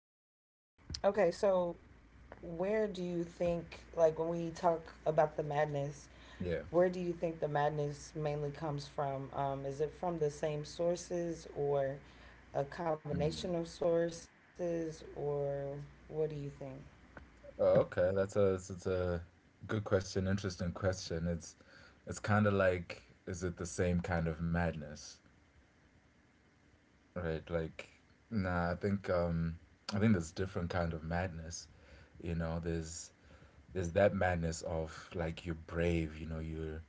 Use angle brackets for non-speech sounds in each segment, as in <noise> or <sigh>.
Okay, so where do you think, like, when we talk about the madness, Yeah. where do you think the madness mainly comes from? Is it from the same sources or a combination of sources, or what do you think? Oh, okay. That's a it's a good question. Interesting question. It's kind of like, is it the same kind of madness, right? Like, nah. I think there's different kind of madness. You know, there's that madness of like you're brave. You know, you're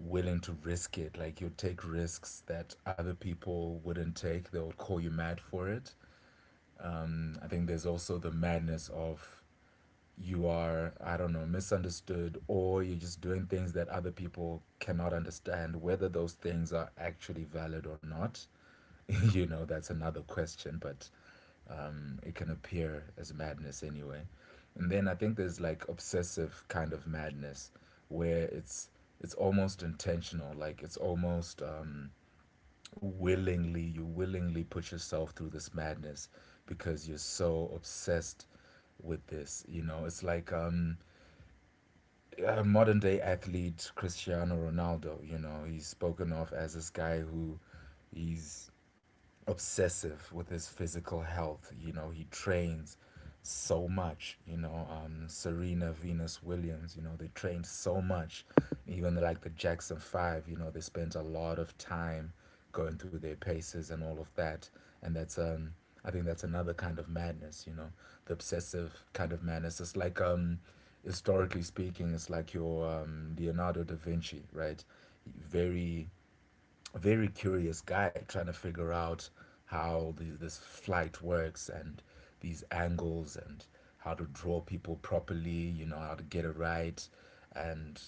willing to risk it. Like you take risks that other people wouldn't take. They will call you mad for it. I think there's also the madness of you are, I don't know, misunderstood or you're just doing things that other people cannot understand, whether those things are actually valid or not, <laughs> you know, that's another question, but it can appear as madness anyway. And then I think there's like obsessive kind of madness where it's almost intentional, like it's almost willingly put yourself through this madness because you're so obsessed with this. You know, it's like a modern day athlete, Cristiano Ronaldo. You know, he's spoken of as this guy who he's obsessive with his physical health. You know, he trains so much. Serena Venus Williams. You know, they trained so much. Even like the Jackson Five. You know, they spent a lot of time going through their paces and all of that. And that's I think that's another kind of madness. You know, the obsessive kind of madness. It's like historically speaking, it's like your Leonardo da Vinci, right? Very a very curious guy trying to figure out how this flight works, and these angles, and how to draw people properly, you know, how to get it right. And,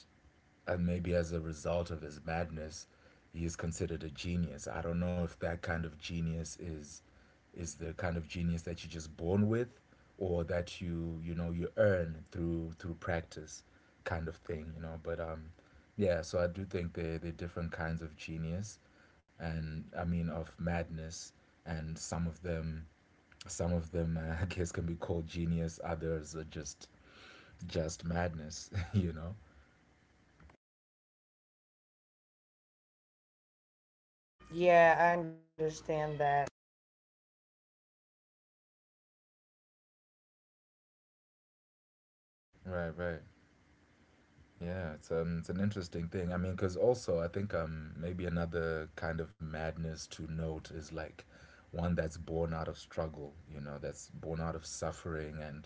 and maybe as a result of his madness, he is considered a genius. I don't know if that kind of genius is the kind of genius that you're just born with, or that you know, you earn through practice kind of thing, you know, but yeah. So I do think there are different kinds of genius, and I mean of madness. And some of them, <laughs> I guess can be called genius, others are just madness. <laughs> You know. Yeah, I understand that. Right, right. Yeah, it's an interesting thing. I mean, because also I think maybe another kind of madness to note is like one that's born out of struggle. You know, that's born out of suffering, and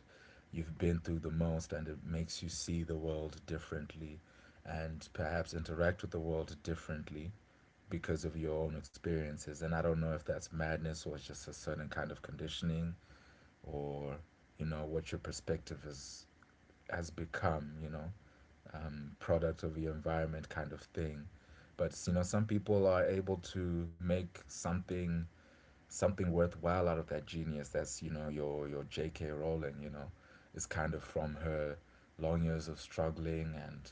you've been through the most, and it makes you see the world differently, and perhaps interact with the world differently because of your own experiences. And I don't know if that's madness or it's just a certain kind of conditioning, or you know what your perspective is has become. You know, product of your environment kind of thing. But you know, some people are able to make something, something worthwhile out of that genius. That's you know your J.K. Rowling. You know, is kind of from her long years of struggling and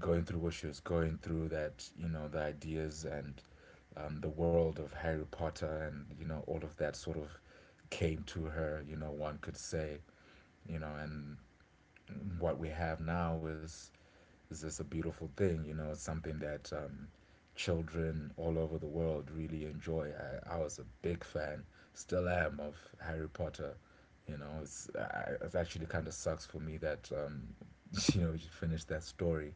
going through what she was going through. That you know the ideas and the world of Harry Potter and you know all of that sort of came to her. You know, one could say. You know, and what we have now is just a beautiful thing. You know, it's something that children all over the world really enjoy. I was a big fan, still am, of Harry Potter. You know, it's, I, it actually kind of sucks for me that, <laughs> you know, you finished that story.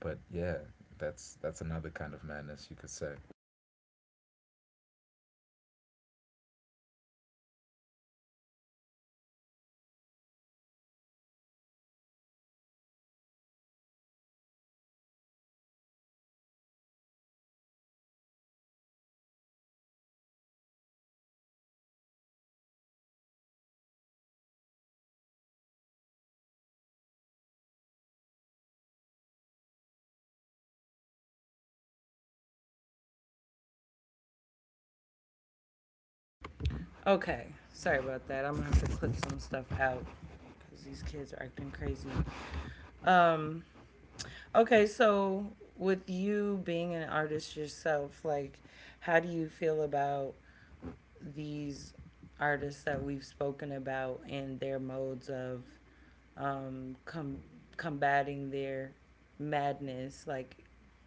But yeah, that's another kind of madness, you could say. Okay, sorry about that. I'm gonna have to clip some stuff out because these kids are acting crazy. Um, okay, so with you being an artist yourself, like, how do you feel about these artists that we've spoken about and their modes of um, com- combating their madness? Like,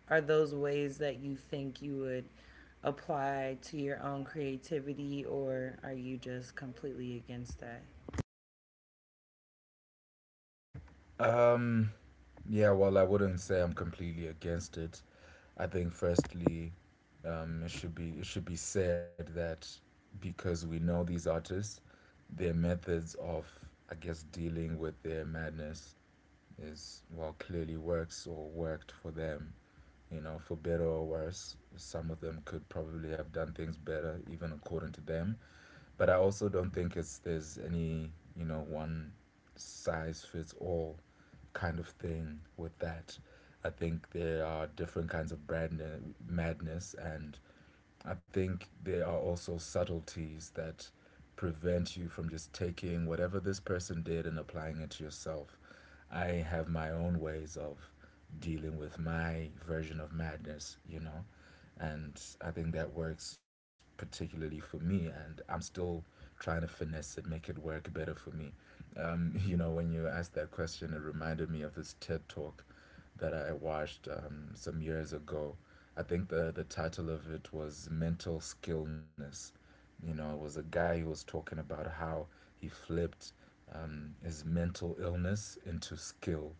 are those ways that you think you would apply to your own creativity, or are you just completely against that? Um, yeah, well, I wouldn't say I'm completely against it. I think firstly, it should be said that, because we know these artists, their methods of, I guess, dealing with their madness is, well, clearly works or worked for them. You know, for better or worse, some of them could probably have done things better, even according to them. But I also don't think it's there's any, you know, one size fits all kind of thing with that. I think there are different kinds of brand madness, and I think there are also subtleties that prevent you from just taking whatever this person did and applying it to yourself. I have my own ways of dealing with my version of madness, you know, and I think that works particularly for me, and I'm still trying to finesse it, make it work better for me. <laughs> You know, when you asked that question, it reminded me of this TED talk that I watched some years ago. I think the title of it was mental skillness. You know, it was a guy who was talking about how he flipped his mental illness into skill.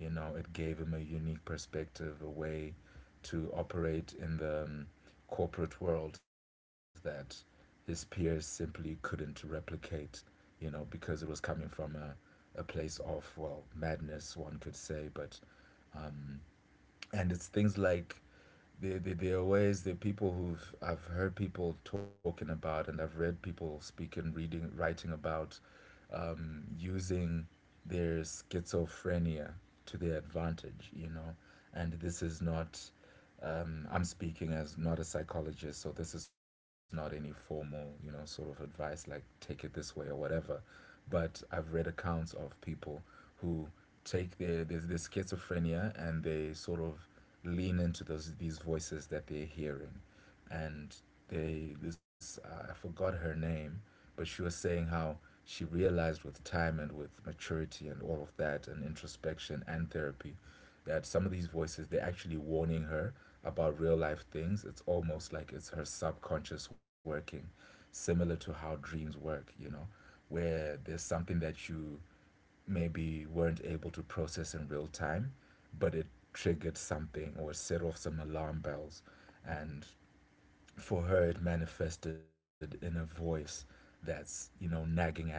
You know, it gave him a unique perspective, a way to operate in the corporate world that his peers simply couldn't replicate. You know, because it was coming from a place of, well, madness, one could say, but. Mm, and it's things like there are ways. There are people who've I've heard people talking about, and I've read people speaking, reading, writing about using their schizophrenia to their advantage, you know. And this is not, I'm speaking as not a psychologist, so this is not any formal, you know, sort of advice like take it this way or whatever. But I've read accounts of people who take their schizophrenia, and they sort of lean into those these voices that they're hearing. And they this I forgot her name, but she was saying how she realized with time and with maturity and all of that, and introspection and therapy, that some of these voices, they're actually warning her about real life things. It's almost like it's her subconscious working, similar to how dreams work, you know, where there's something that you maybe weren't able to process in real time, but it triggered something or set off some alarm bells. And for her, it manifested in a voice that's, you know, nagging at her,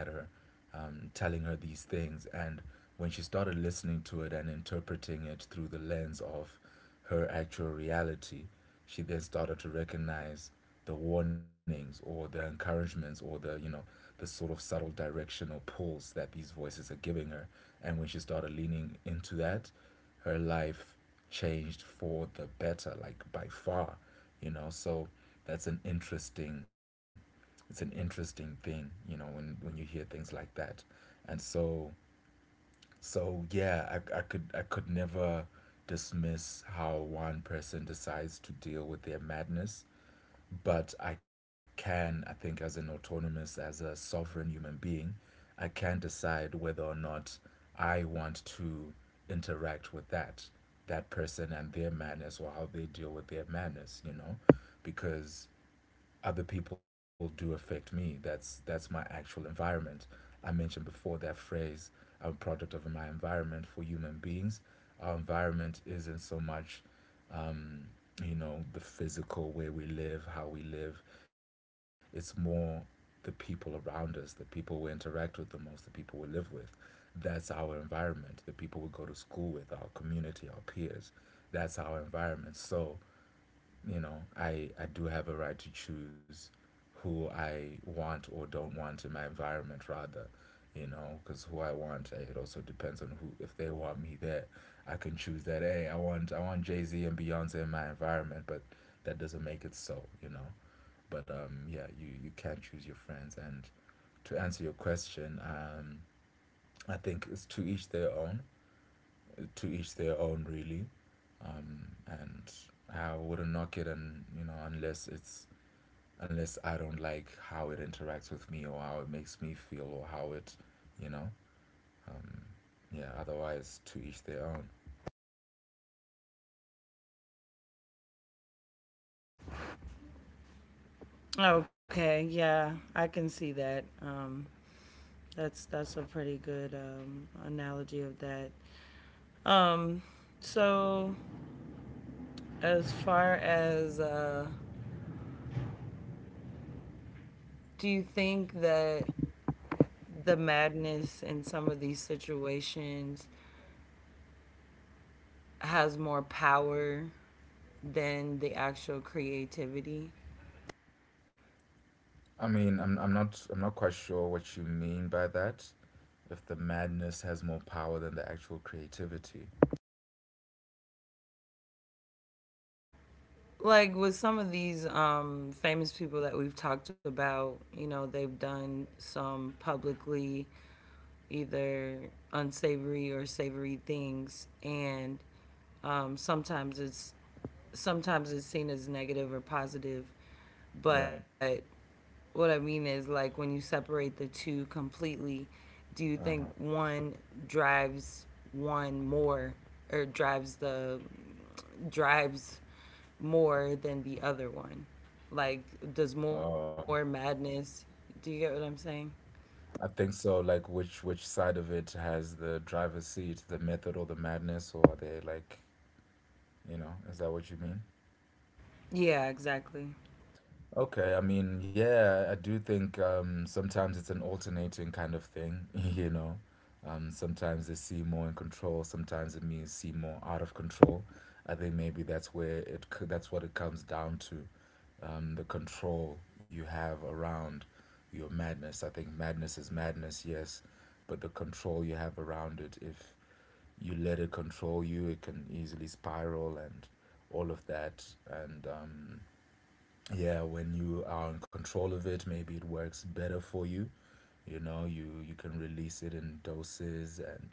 telling her these things. And when she started listening to it and interpreting it through the lens of her actual reality, she then started to recognize the warnings or the encouragements or the, you know, the sort of subtle directional pulls that these voices are giving her. And when she started leaning into that, her life changed for the better, like by far, you know. So that's an interesting, it's an interesting thing, you know, when you hear things like that. And so, yeah. I could never dismiss how one person decides to deal with their madness, but I can, I think, as an autonomous, as a sovereign human being, I can decide whether or not I want to interact with that person and their madness, or how they deal with their madness, you know, because other people do affect me. That's my actual environment. I mentioned before that phrase, I'm a product of my environment. For human beings, our environment isn't so much um, you know, the physical, where we live, how we live. It's more the people around us, the people we interact with the most, the people we live with. That's our environment, the people we go to school with, our community, our peers. That's our environment. So you know, I do have a right to choose who I want or don't want in my environment, rather, you know, because who I want, eh, it also depends on who, if they want me there. I can choose that, hey, I want Jay Z and Beyonce in my environment, but that doesn't make it so, you know. But yeah, you can choose your friends. And to answer your question, I think it's to each their own, really. And I wouldn't knock it, and you know, unless it's unless I don't like how it interacts with me, or how it makes me feel, or how it, you know, um, yeah. Otherwise, to each their own. Okay, yeah, I can see that. That's a pretty good analogy of that. Um, so, as far as, do you think that the madness in some of these situations has more power than the actual creativity? I mean, I'm not quite sure what you mean by that. If the madness has more power than the actual creativity, Like with some of these famous people that we've talked about, you know, they've done some publicly either unsavory or savory things, and um, sometimes it's sometimes it's seen as negative or positive, right? but what I mean is like when you separate the two completely, do you think Uh one drives one more or drives the drives more than the other one? Like does huh. more madness do you get what I'm saying? I think so. Like, which side of it has the driver's seat, the method or the madness, or are they like, you know, is that what you mean? Yeah, exactly. Okay, I mean, yeah, I do think sometimes it's an alternating kind of thing, <laughs> you know. Sometimes they see more in control, sometimes it means see more out of control. I think maybe that's where it that's what it comes down to, the control you have around your madness. I think madness is madness, yes, but the control you have around it, if you let it control you, it can easily spiral and all of that, and yeah, when you are in control of it, maybe it works better for you. You know, you can release it in doses, and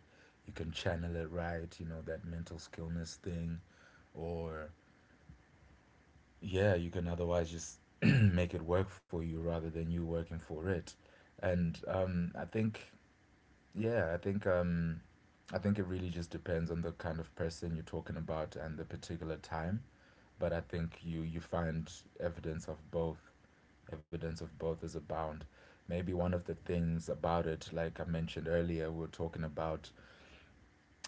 you can channel it right. You know, that mental skillness thing. Or yeah, you can otherwise just <clears throat> make it work for you rather than you working for it. And I think, yeah, I think it really just depends on the kind of person you're talking about and the particular time. But I think you find evidence of both. Evidence of both is abound. Maybe one of the things about it, like I mentioned earlier, we're talking about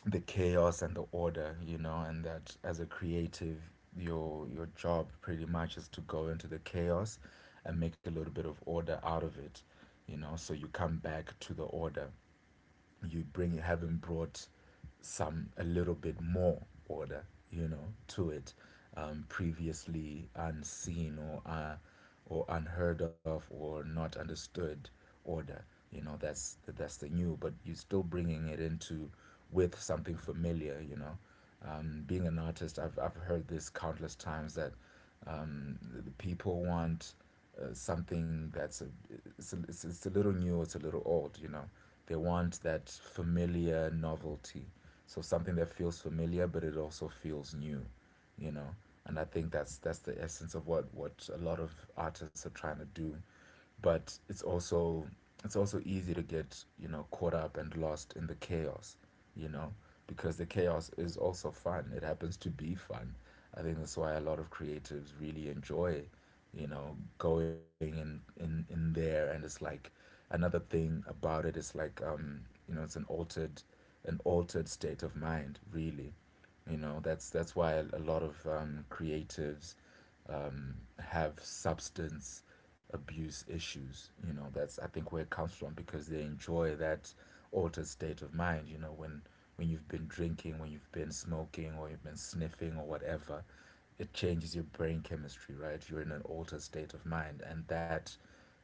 the chaos and the order, you know, and that as a creative, your job pretty much is to go into the chaos and make a little bit of order out of it, you know, so you come back to the order you bring, having brought some— a little bit more order, you know, to it, previously unseen, or unheard of, or not understood order. You know, that's the new, but you're still bringing it into with something familiar, you know. Being an artist, I've heard this countless times that um, the people want something that's a— it's, a— it's a little new, it's a little old. You know, they want that familiar novelty, so something that feels familiar but it also feels new. You know, and I think that's the essence of what a lot of artists are trying to do, but it's also easy to get, you know, caught up and lost in the chaos, you know, because the chaos is also fun. It happens to be fun. I think that's why a lot of creatives really enjoy, you know, going in there. And it's like, another thing about it is like, you know, it's an altered— an altered state of mind, really. You know, that's why a lot of creatives have substance abuse issues. You know, that's, I think, where it comes from, because they enjoy that altered state of mind. You know, when you've been drinking, when you've been smoking, or you've been sniffing, or whatever, it changes your brain chemistry, right? You're in an altered state of mind, and that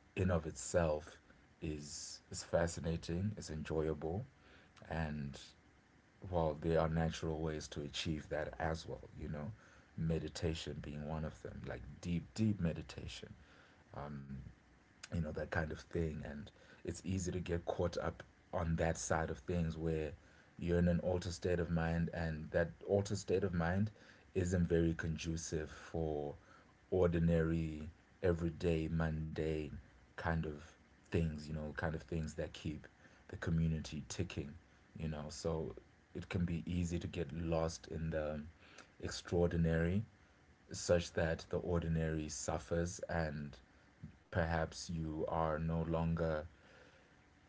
in of itself is fascinating, is enjoyable, and, well, there are natural ways to achieve that as well, you know, meditation being one of them, like deep, deep meditation. Um, you know, that kind of thing. And it's easy to get caught up on that side of things, where you're in an altered state of mind, and that altered state of mind isn't very conducive for ordinary, everyday, mundane kind of things, you know, kind of things that keep the community ticking, you know. So it can be easy to get lost in the extraordinary, such that the ordinary suffers, and perhaps you are no longer,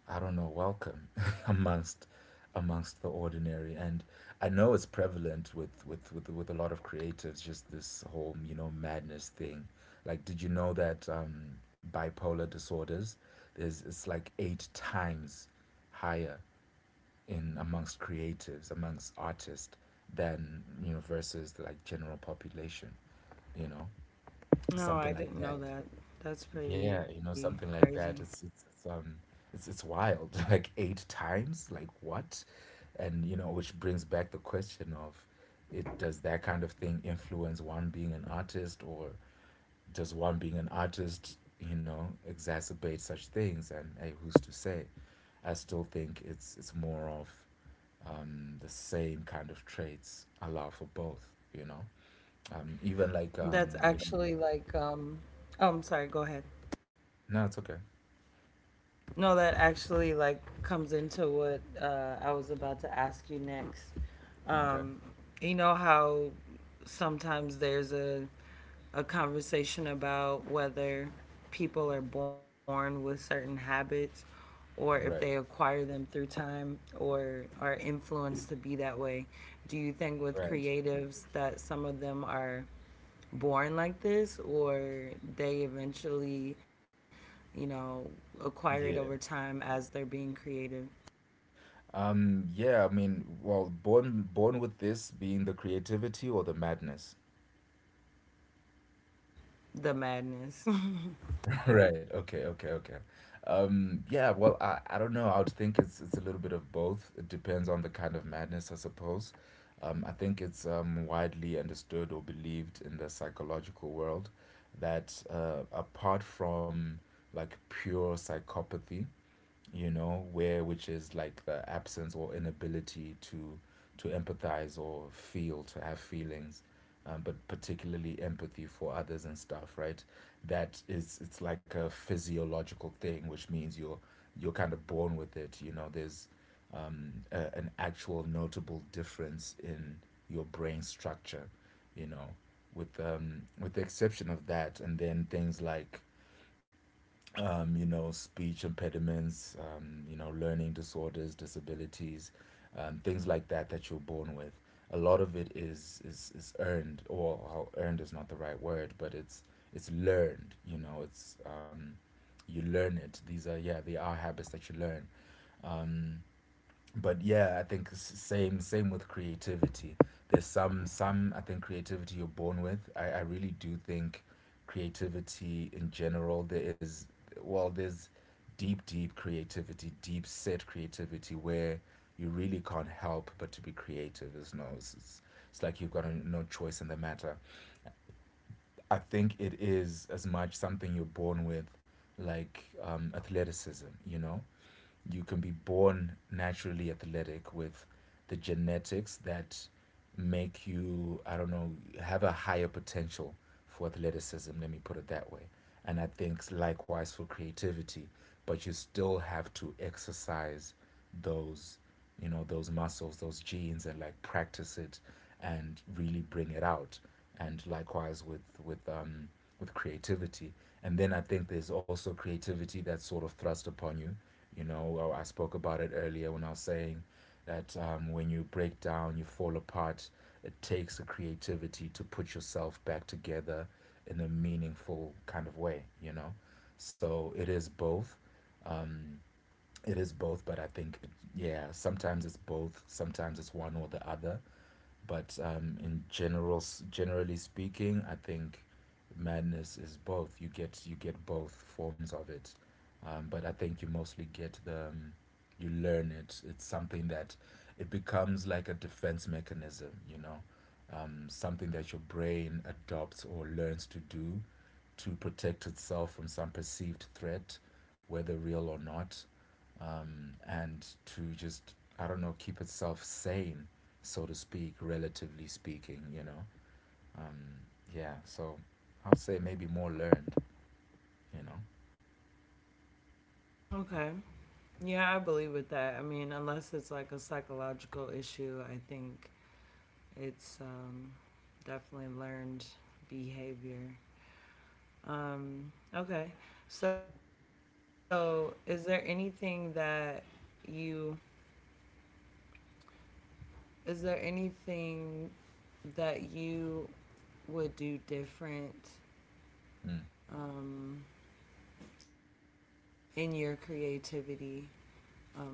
I don't know, welcome <laughs> amongst amongst the ordinary. And I know it's prevalent with a lot of creatives, just this whole, you know, madness thing. Like, did you know that bipolar disorders, there's it's like eight times higher in— amongst creatives, amongst artists, than, you know, versus the, like, general population, you know. No, I Something like didn't know that. that. That's Yeah, pretty you know, crazy. something like that. It's wild. <laughs> Like eight times, like what? And, you know, which brings back the question of, it does that kind of thing influence one being an artist, or does one being an artist, you know, exacerbate such things? And hey, who's to say? I still think it's more of— the same kind of traits allow for both, you know. Even That's like actually you know, like um Oh, I'm sorry, go ahead. no, it's okay. No, that actually like comes into what I was about to ask you next. Okay, Um, you know how sometimes there's a conversation about whether people are born with certain habits or if they right. acquire them through time or are influenced to be that way. Do you think with Right. creatives that some of them are born like this or they eventually, you know, acquire it over Yeah. time as they're being creative. Yeah, I mean, well, born with this being the creativity or the madness. The madness. <laughs> Right. Okay, okay, okay. Yeah, well, I don't know. I would think it's a little bit of both. It depends on the kind of madness, I suppose. I think it's widely understood or believed in the psychological world that apart from, like, pure psychopathy, you know, where— which is like the absence or inability to empathize or feel, to have feelings, but particularly empathy for others and stuff, right? That is, it's like a physiological thing, which means you're kind of born with it. You know, there's an actual notable difference in your brain structure, you know, with the exception of that, and then things like, you know, speech impediments, you know, learning disorders, disabilities, things like that, that you're born with. A lot of it is earned, or how— earned is not the right word, but it's learned. You know, it's you learn it. These are— yeah, they are habits that you learn. But yeah, I think— same with creativity. There's some I think creativity you're born with. I really do think creativity in general, there is— well, there's deep, deep creativity, deep set creativity where you really can't help but to be creative. It's like you've got a— no choice in the matter. I think it is as much something you're born with, like, athleticism, you know. You can be born naturally athletic with the genetics that make you, I don't know, have a higher potential for athleticism, let me put it that way. And I think likewise for creativity, but you still have to exercise those, you know, those muscles, those genes, and like, practice it and really bring it out. And likewise with with creativity. And then I think there's also creativity that's sort of thrust upon you, you know. Well, I spoke about it earlier when I was saying that, when you break down, you fall apart, it takes the creativity to put yourself back together in a meaningful kind of way, you know? So it is both. Um, it is both, but I think, yeah, sometimes it's both, sometimes it's one or the other. But in general, generally speaking, I think madness is both. You get both forms of it, but I think you mostly get the— you learn it. It's something that— it becomes like a defense mechanism. You know, something that your brain adopts or learns to do, to protect itself from some perceived threat, whether real or not. And to just, I don't know, keep itself sane, so to speak, relatively speaking. You know. Um, yeah. So I'll say maybe more learned. You know. <laughs> Okay. Yeah, I believe with that. I mean, unless it's like a psychological issue, I think it's definitely learned behavior. Okay. So, you is there anything that you would do different Mm. um, in your creativity? Um, like,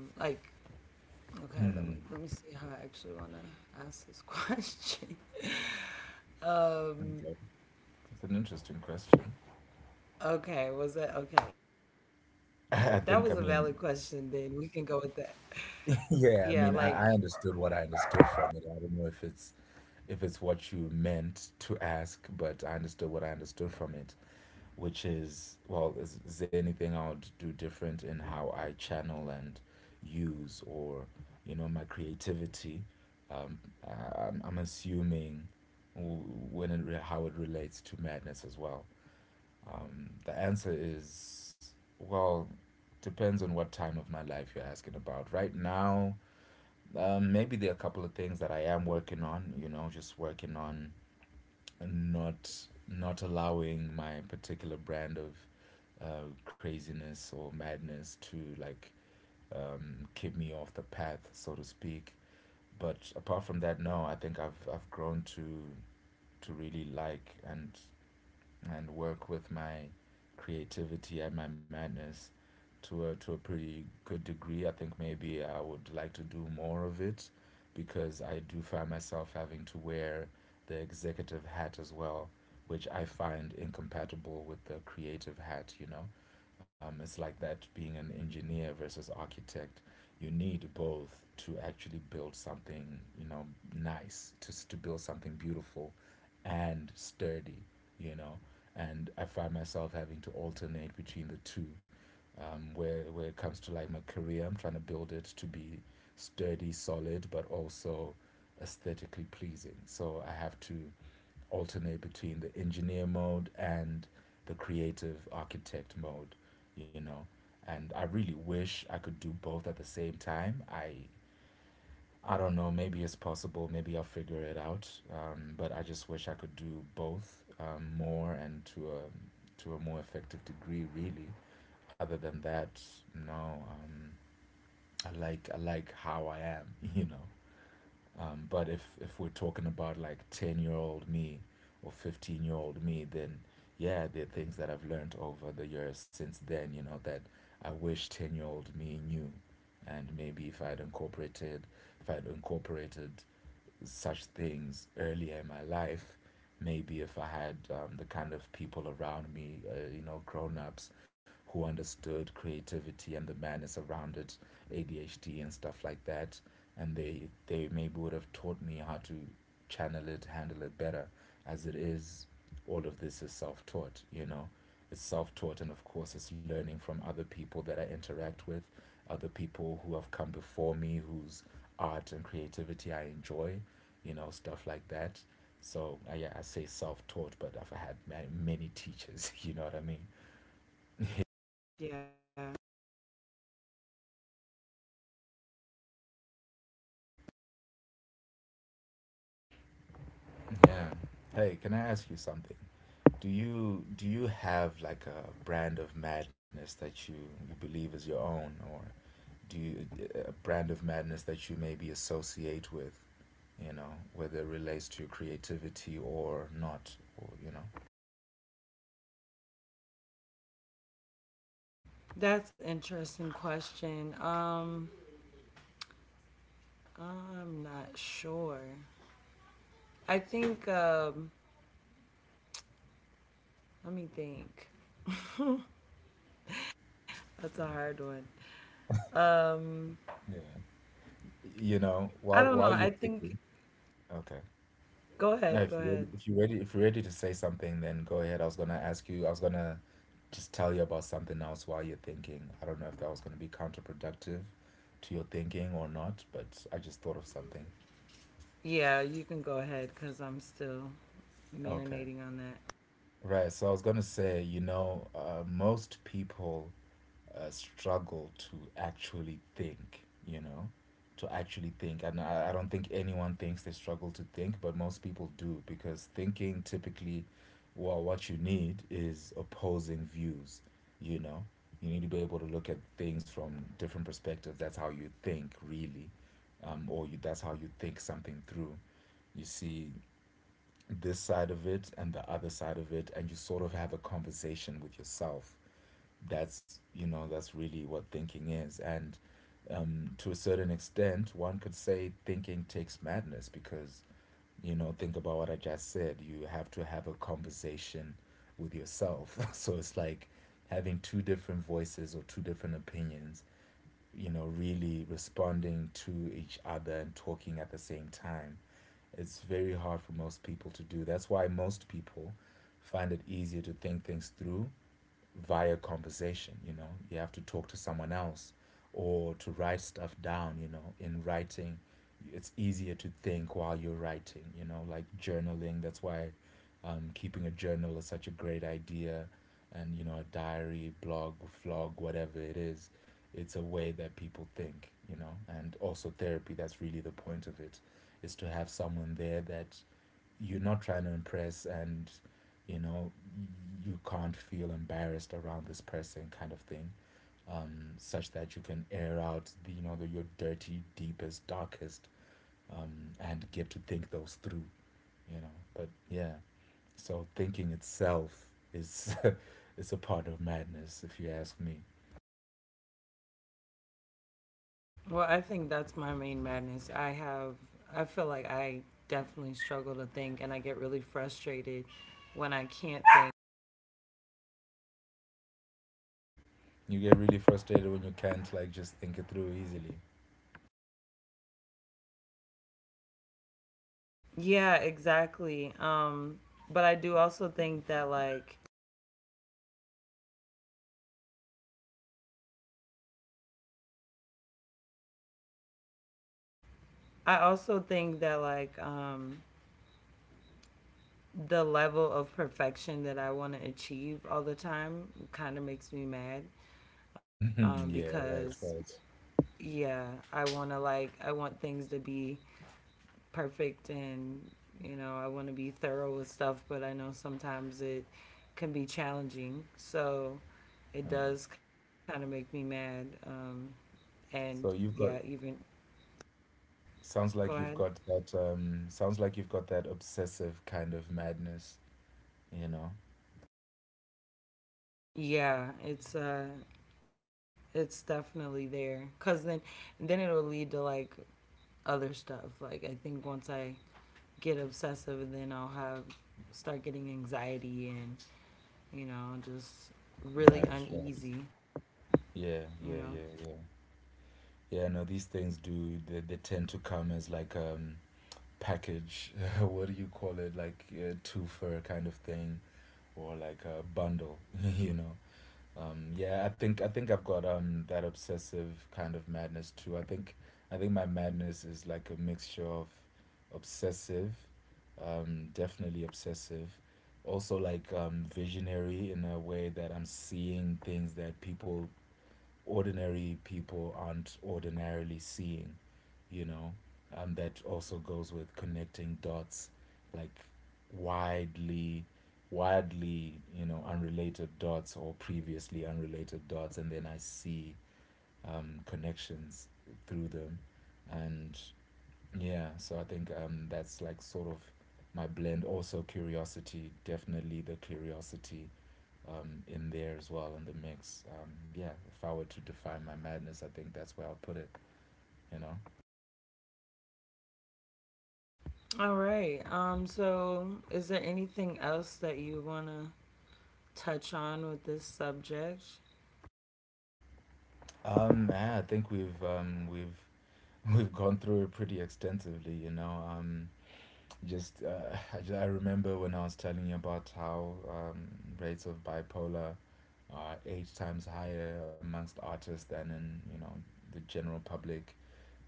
okay, let me Hmm. see how I actually want to ask this question. <laughs> Um, Okay. It's an interesting question. okay, was that okay? If that was a valid <laughs> I question, then think— I we can mean— go with that. Yeah, like, Yeah, I mean, I understood what I understood from it. I don't know if it's what you meant to ask, but I understood what I understood from it, which is, well, is there anything I would do different in how I channel and use, or, you know, my creativity? Um, I'm assuming— w- how it relates to madness as well. The answer is, well, depends on what time of my life you're asking about. Right now, maybe there are a couple of things that I am working on, you know, just working on, not not allowing my particular brand of craziness or madness to, like, keep me off the path, so to speak. But apart from that, no, I think I've grown to really like and work with my creativity and my madness to a pretty good degree. I think maybe I would like to do more of it, because I do find myself having to wear the executive hat as well, which I find incompatible with the creative hat, you know. It's like that being an engineer versus architect. You need both to actually build something, you know, nice, to build something beautiful and sturdy, you know, and I find myself having to alternate between the two. Where it comes to, like, my career, I'm trying to build it to be sturdy, solid, but also aesthetically pleasing. So I have to alternate between the engineer mode and the creative architect mode, you know. And I really wish I could do both at the same time. I don't know. Maybe it's possible. Maybe I'll figure it out. But I just wish I could do both more, and to a more effective degree. Really. Other than that, no. Um, I like how I am. <laughs> You know. But if we're talking about 10 year old me or 15 year old me, then yeah, there are things that I've learned over the years since then, you know, that I wish 10 year old me knew. And maybe if I'd incorporated if I'd incorporated such things earlier in my life. Maybe if I had the kind of people around me, you know, grown ups who understood creativity and the madness around it, ADHD and stuff like that, and they maybe would have taught me how to channel it, handle it better. As it is, all of this is self taught. You know, it's self taught, and of course, it's learning from other people that I interact with, other people who have come before me, whose art and creativity I enjoy, you know, stuff like that. So I, yeah, I say self-taught, but I've had many teachers. <laughs> You know what I mean? <laughs> yeah, Yeah. Hey, can I ask you something? Do you have like a brand of madness that you believe is your own, or do you, a brand of madness that you maybe associate with? You know, whether it relates to your creativity or not, or you know. that's interesting question. I'm not sure. I think. Let me think. That's a hard one. Um, Yeah. You know, I while don't know. while I you're think. thinking. Okay. Go No, ahead. Go ahead. If you're ready to say something, then go ahead. I was gonna ask you, I was gonna just tell you about something else while you're thinking. I don't know if that was gonna be counterproductive to your thinking or not, but I just thought of something. Yeah, you can go ahead because I'm still Okay. marinating on that. Right, so I was gonna say, you know, most people struggle to actually think, you know, to actually think. And I don't think anyone thinks they struggle to think, but most people do because thinking typically, well, what you need is opposing views, you know. You need to be able to look at things from different perspectives. That's how you think, really. Or that's how you think something through. You see this side of it and the other side of it, and you sort of have a conversation with yourself. That's, you know, that's really what thinking is. And to a certain extent one could say thinking takes madness because, you know, think about what I just said. You have to have a conversation with yourself. <laughs> So it's like having two different voices or two different opinions, you know, really responding to each other and talking at the same time. It's very hard for most people to do. That's why most people find it easier to think things through via conversation, you know. You have to talk to someone else or to write stuff down, you know. In writing, it's easier to think while you're writing, you know, like journaling. That's why keeping a journal is such a great idea. And, you know, a diary, blog, vlog, whatever it is, it's a way that people think, you know. And also therapy, that's really the point of it, is to have someone there that you're not trying to impress, and you know, you can't feel embarrassed around this person, kind of thing. Such that you can air out, the, you know, the, your dirty, deepest, darkest, and get to think those through, you know. But yeah, so thinking itself is, <laughs> is a part of madness, if you ask me. Well, I think that's my main madness. I have, I feel like I definitely struggle to think and I get really frustrated when I can't think. You get really frustrated when you can't like just think it through easily. <laughs> Yeah, exactly. But I do also think that, like, I also think that, like, the level of perfection that I want to achieve all the time kind of makes me mad Mhm. Yeah, because, right. yeah, I want to, like, I want things to be perfect and you know I want to be thorough with stuff, but I know sometimes it can be challenging. So it does kind of make me mad. And So yeah, you've got, even sounds go like you've ahead. got that sounds like you've got that obsessive kind of madness. You know. Yeah, it's uh, it's definitely there. Cause then it'll lead to like other stuff. Like I think once I get obsessive, then I'll have start getting anxiety and you know just right really right. uneasy. You know. yeah yeah yeah yeah yeah. No, these things do, they tend to come as like package. <laughs> What do you call it, like a twofer kind of thing or like a bundle. <laughs> You know, yeah, I think I've got that obsessive kind of madness too. I think, I think my madness is like a mixture of obsessive, definitely obsessive, also like visionary in a way that I'm seeing things that people ordinary people aren't ordinarily seeing, you know. That also goes with connecting dots, like widely, widely, you know, unrelated dots or previously unrelated dots, and then I see connections through them, and yeah. So I think that's like sort of my blend. Also curiosity, definitely the curiosity in there as well in the mix. Yeah, if I were to define my madness, I think that's where I'll put it. You know, All right. So is there anything else that you want to touch on with this subject? Yeah, I think we've <laughs> we've gone through it pretty extensively. You know, just <laughs> I remember when I was telling you about how rates of bipolar are eight times higher amongst artists than in, you know, the general public.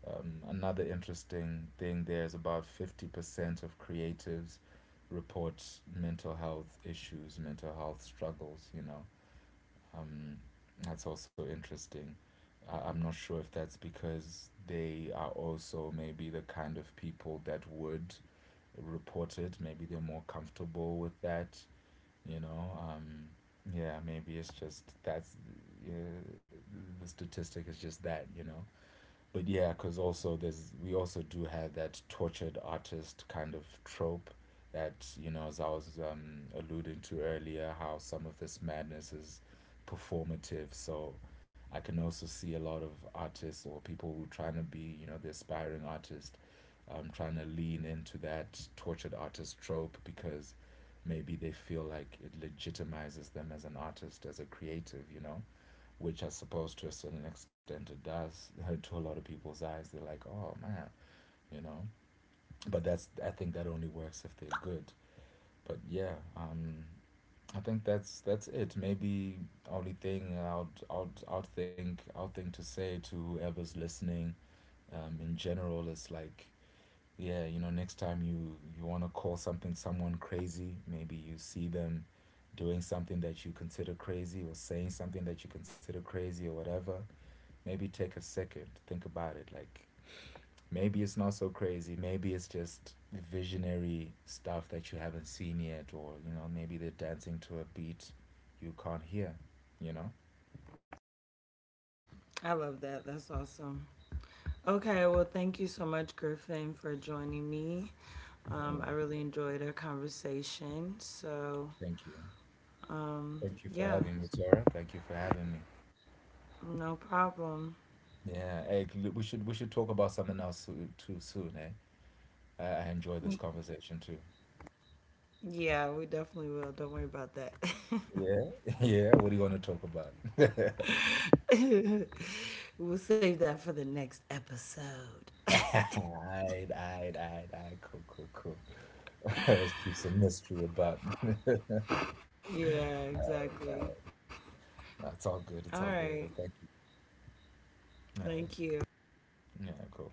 Another interesting thing there is about 50% of creatives report mental health issues, mental health struggles, you know. Um, that's also interesting. I'm not sure if that's because they are also maybe the kind of people that would report it. Maybe they're more comfortable with that, you know. Yeah, maybe it's just that's, yeah, the statistic is just that, you know. But yeah, because also there's, we also do have that tortured artist kind of trope that, you know, as I was alluding to earlier, how some of this madness is performative. So I can also see a lot of artists or people who trying to be, you know, the aspiring artist, trying to lean into that tortured artist trope because maybe they feel like it legitimizes them as an artist, as a creative. You know, which I suppose to a certain extent it does, to a lot of people's eyes. They're like, oh man, you know. But that's, I think that only works if they're good. But yeah, I think that's it. Maybe only thing I'd think to say to whoever's listening, in general is like, yeah, you know, next time you want to call something, someone, crazy, maybe you see them doing something that you consider crazy or saying something that you consider crazy or whatever, maybe take a second, think about it. Like, maybe it's not so crazy. Maybe it's just visionary stuff that you haven't seen yet, or, you know, maybe they're dancing to a beat you can't hear, you know? I love that. That's awesome. Okay, well, thank you so much, Griffin, for joining me. Yeah. I really enjoyed our conversation. So, Thank you. Thank you for yeah, having me, Tara. Thank you for having me. no problem. Yeah, hey, we should talk about something else too soon, eh? I enjoy this conversation too. Yeah, we definitely will. Don't worry about that. <laughs> Yeah. <laughs> Yeah, what do you want to talk about? We'll save that for the next episode. Alright, alright, alright, alright. Cool, cool, cool. <laughs> Let's keep some mystery about. <laughs> Yeah, exactly. No, it's all All good. It's all right. good. Thank you. Alright. Thank you. Yeah, cool.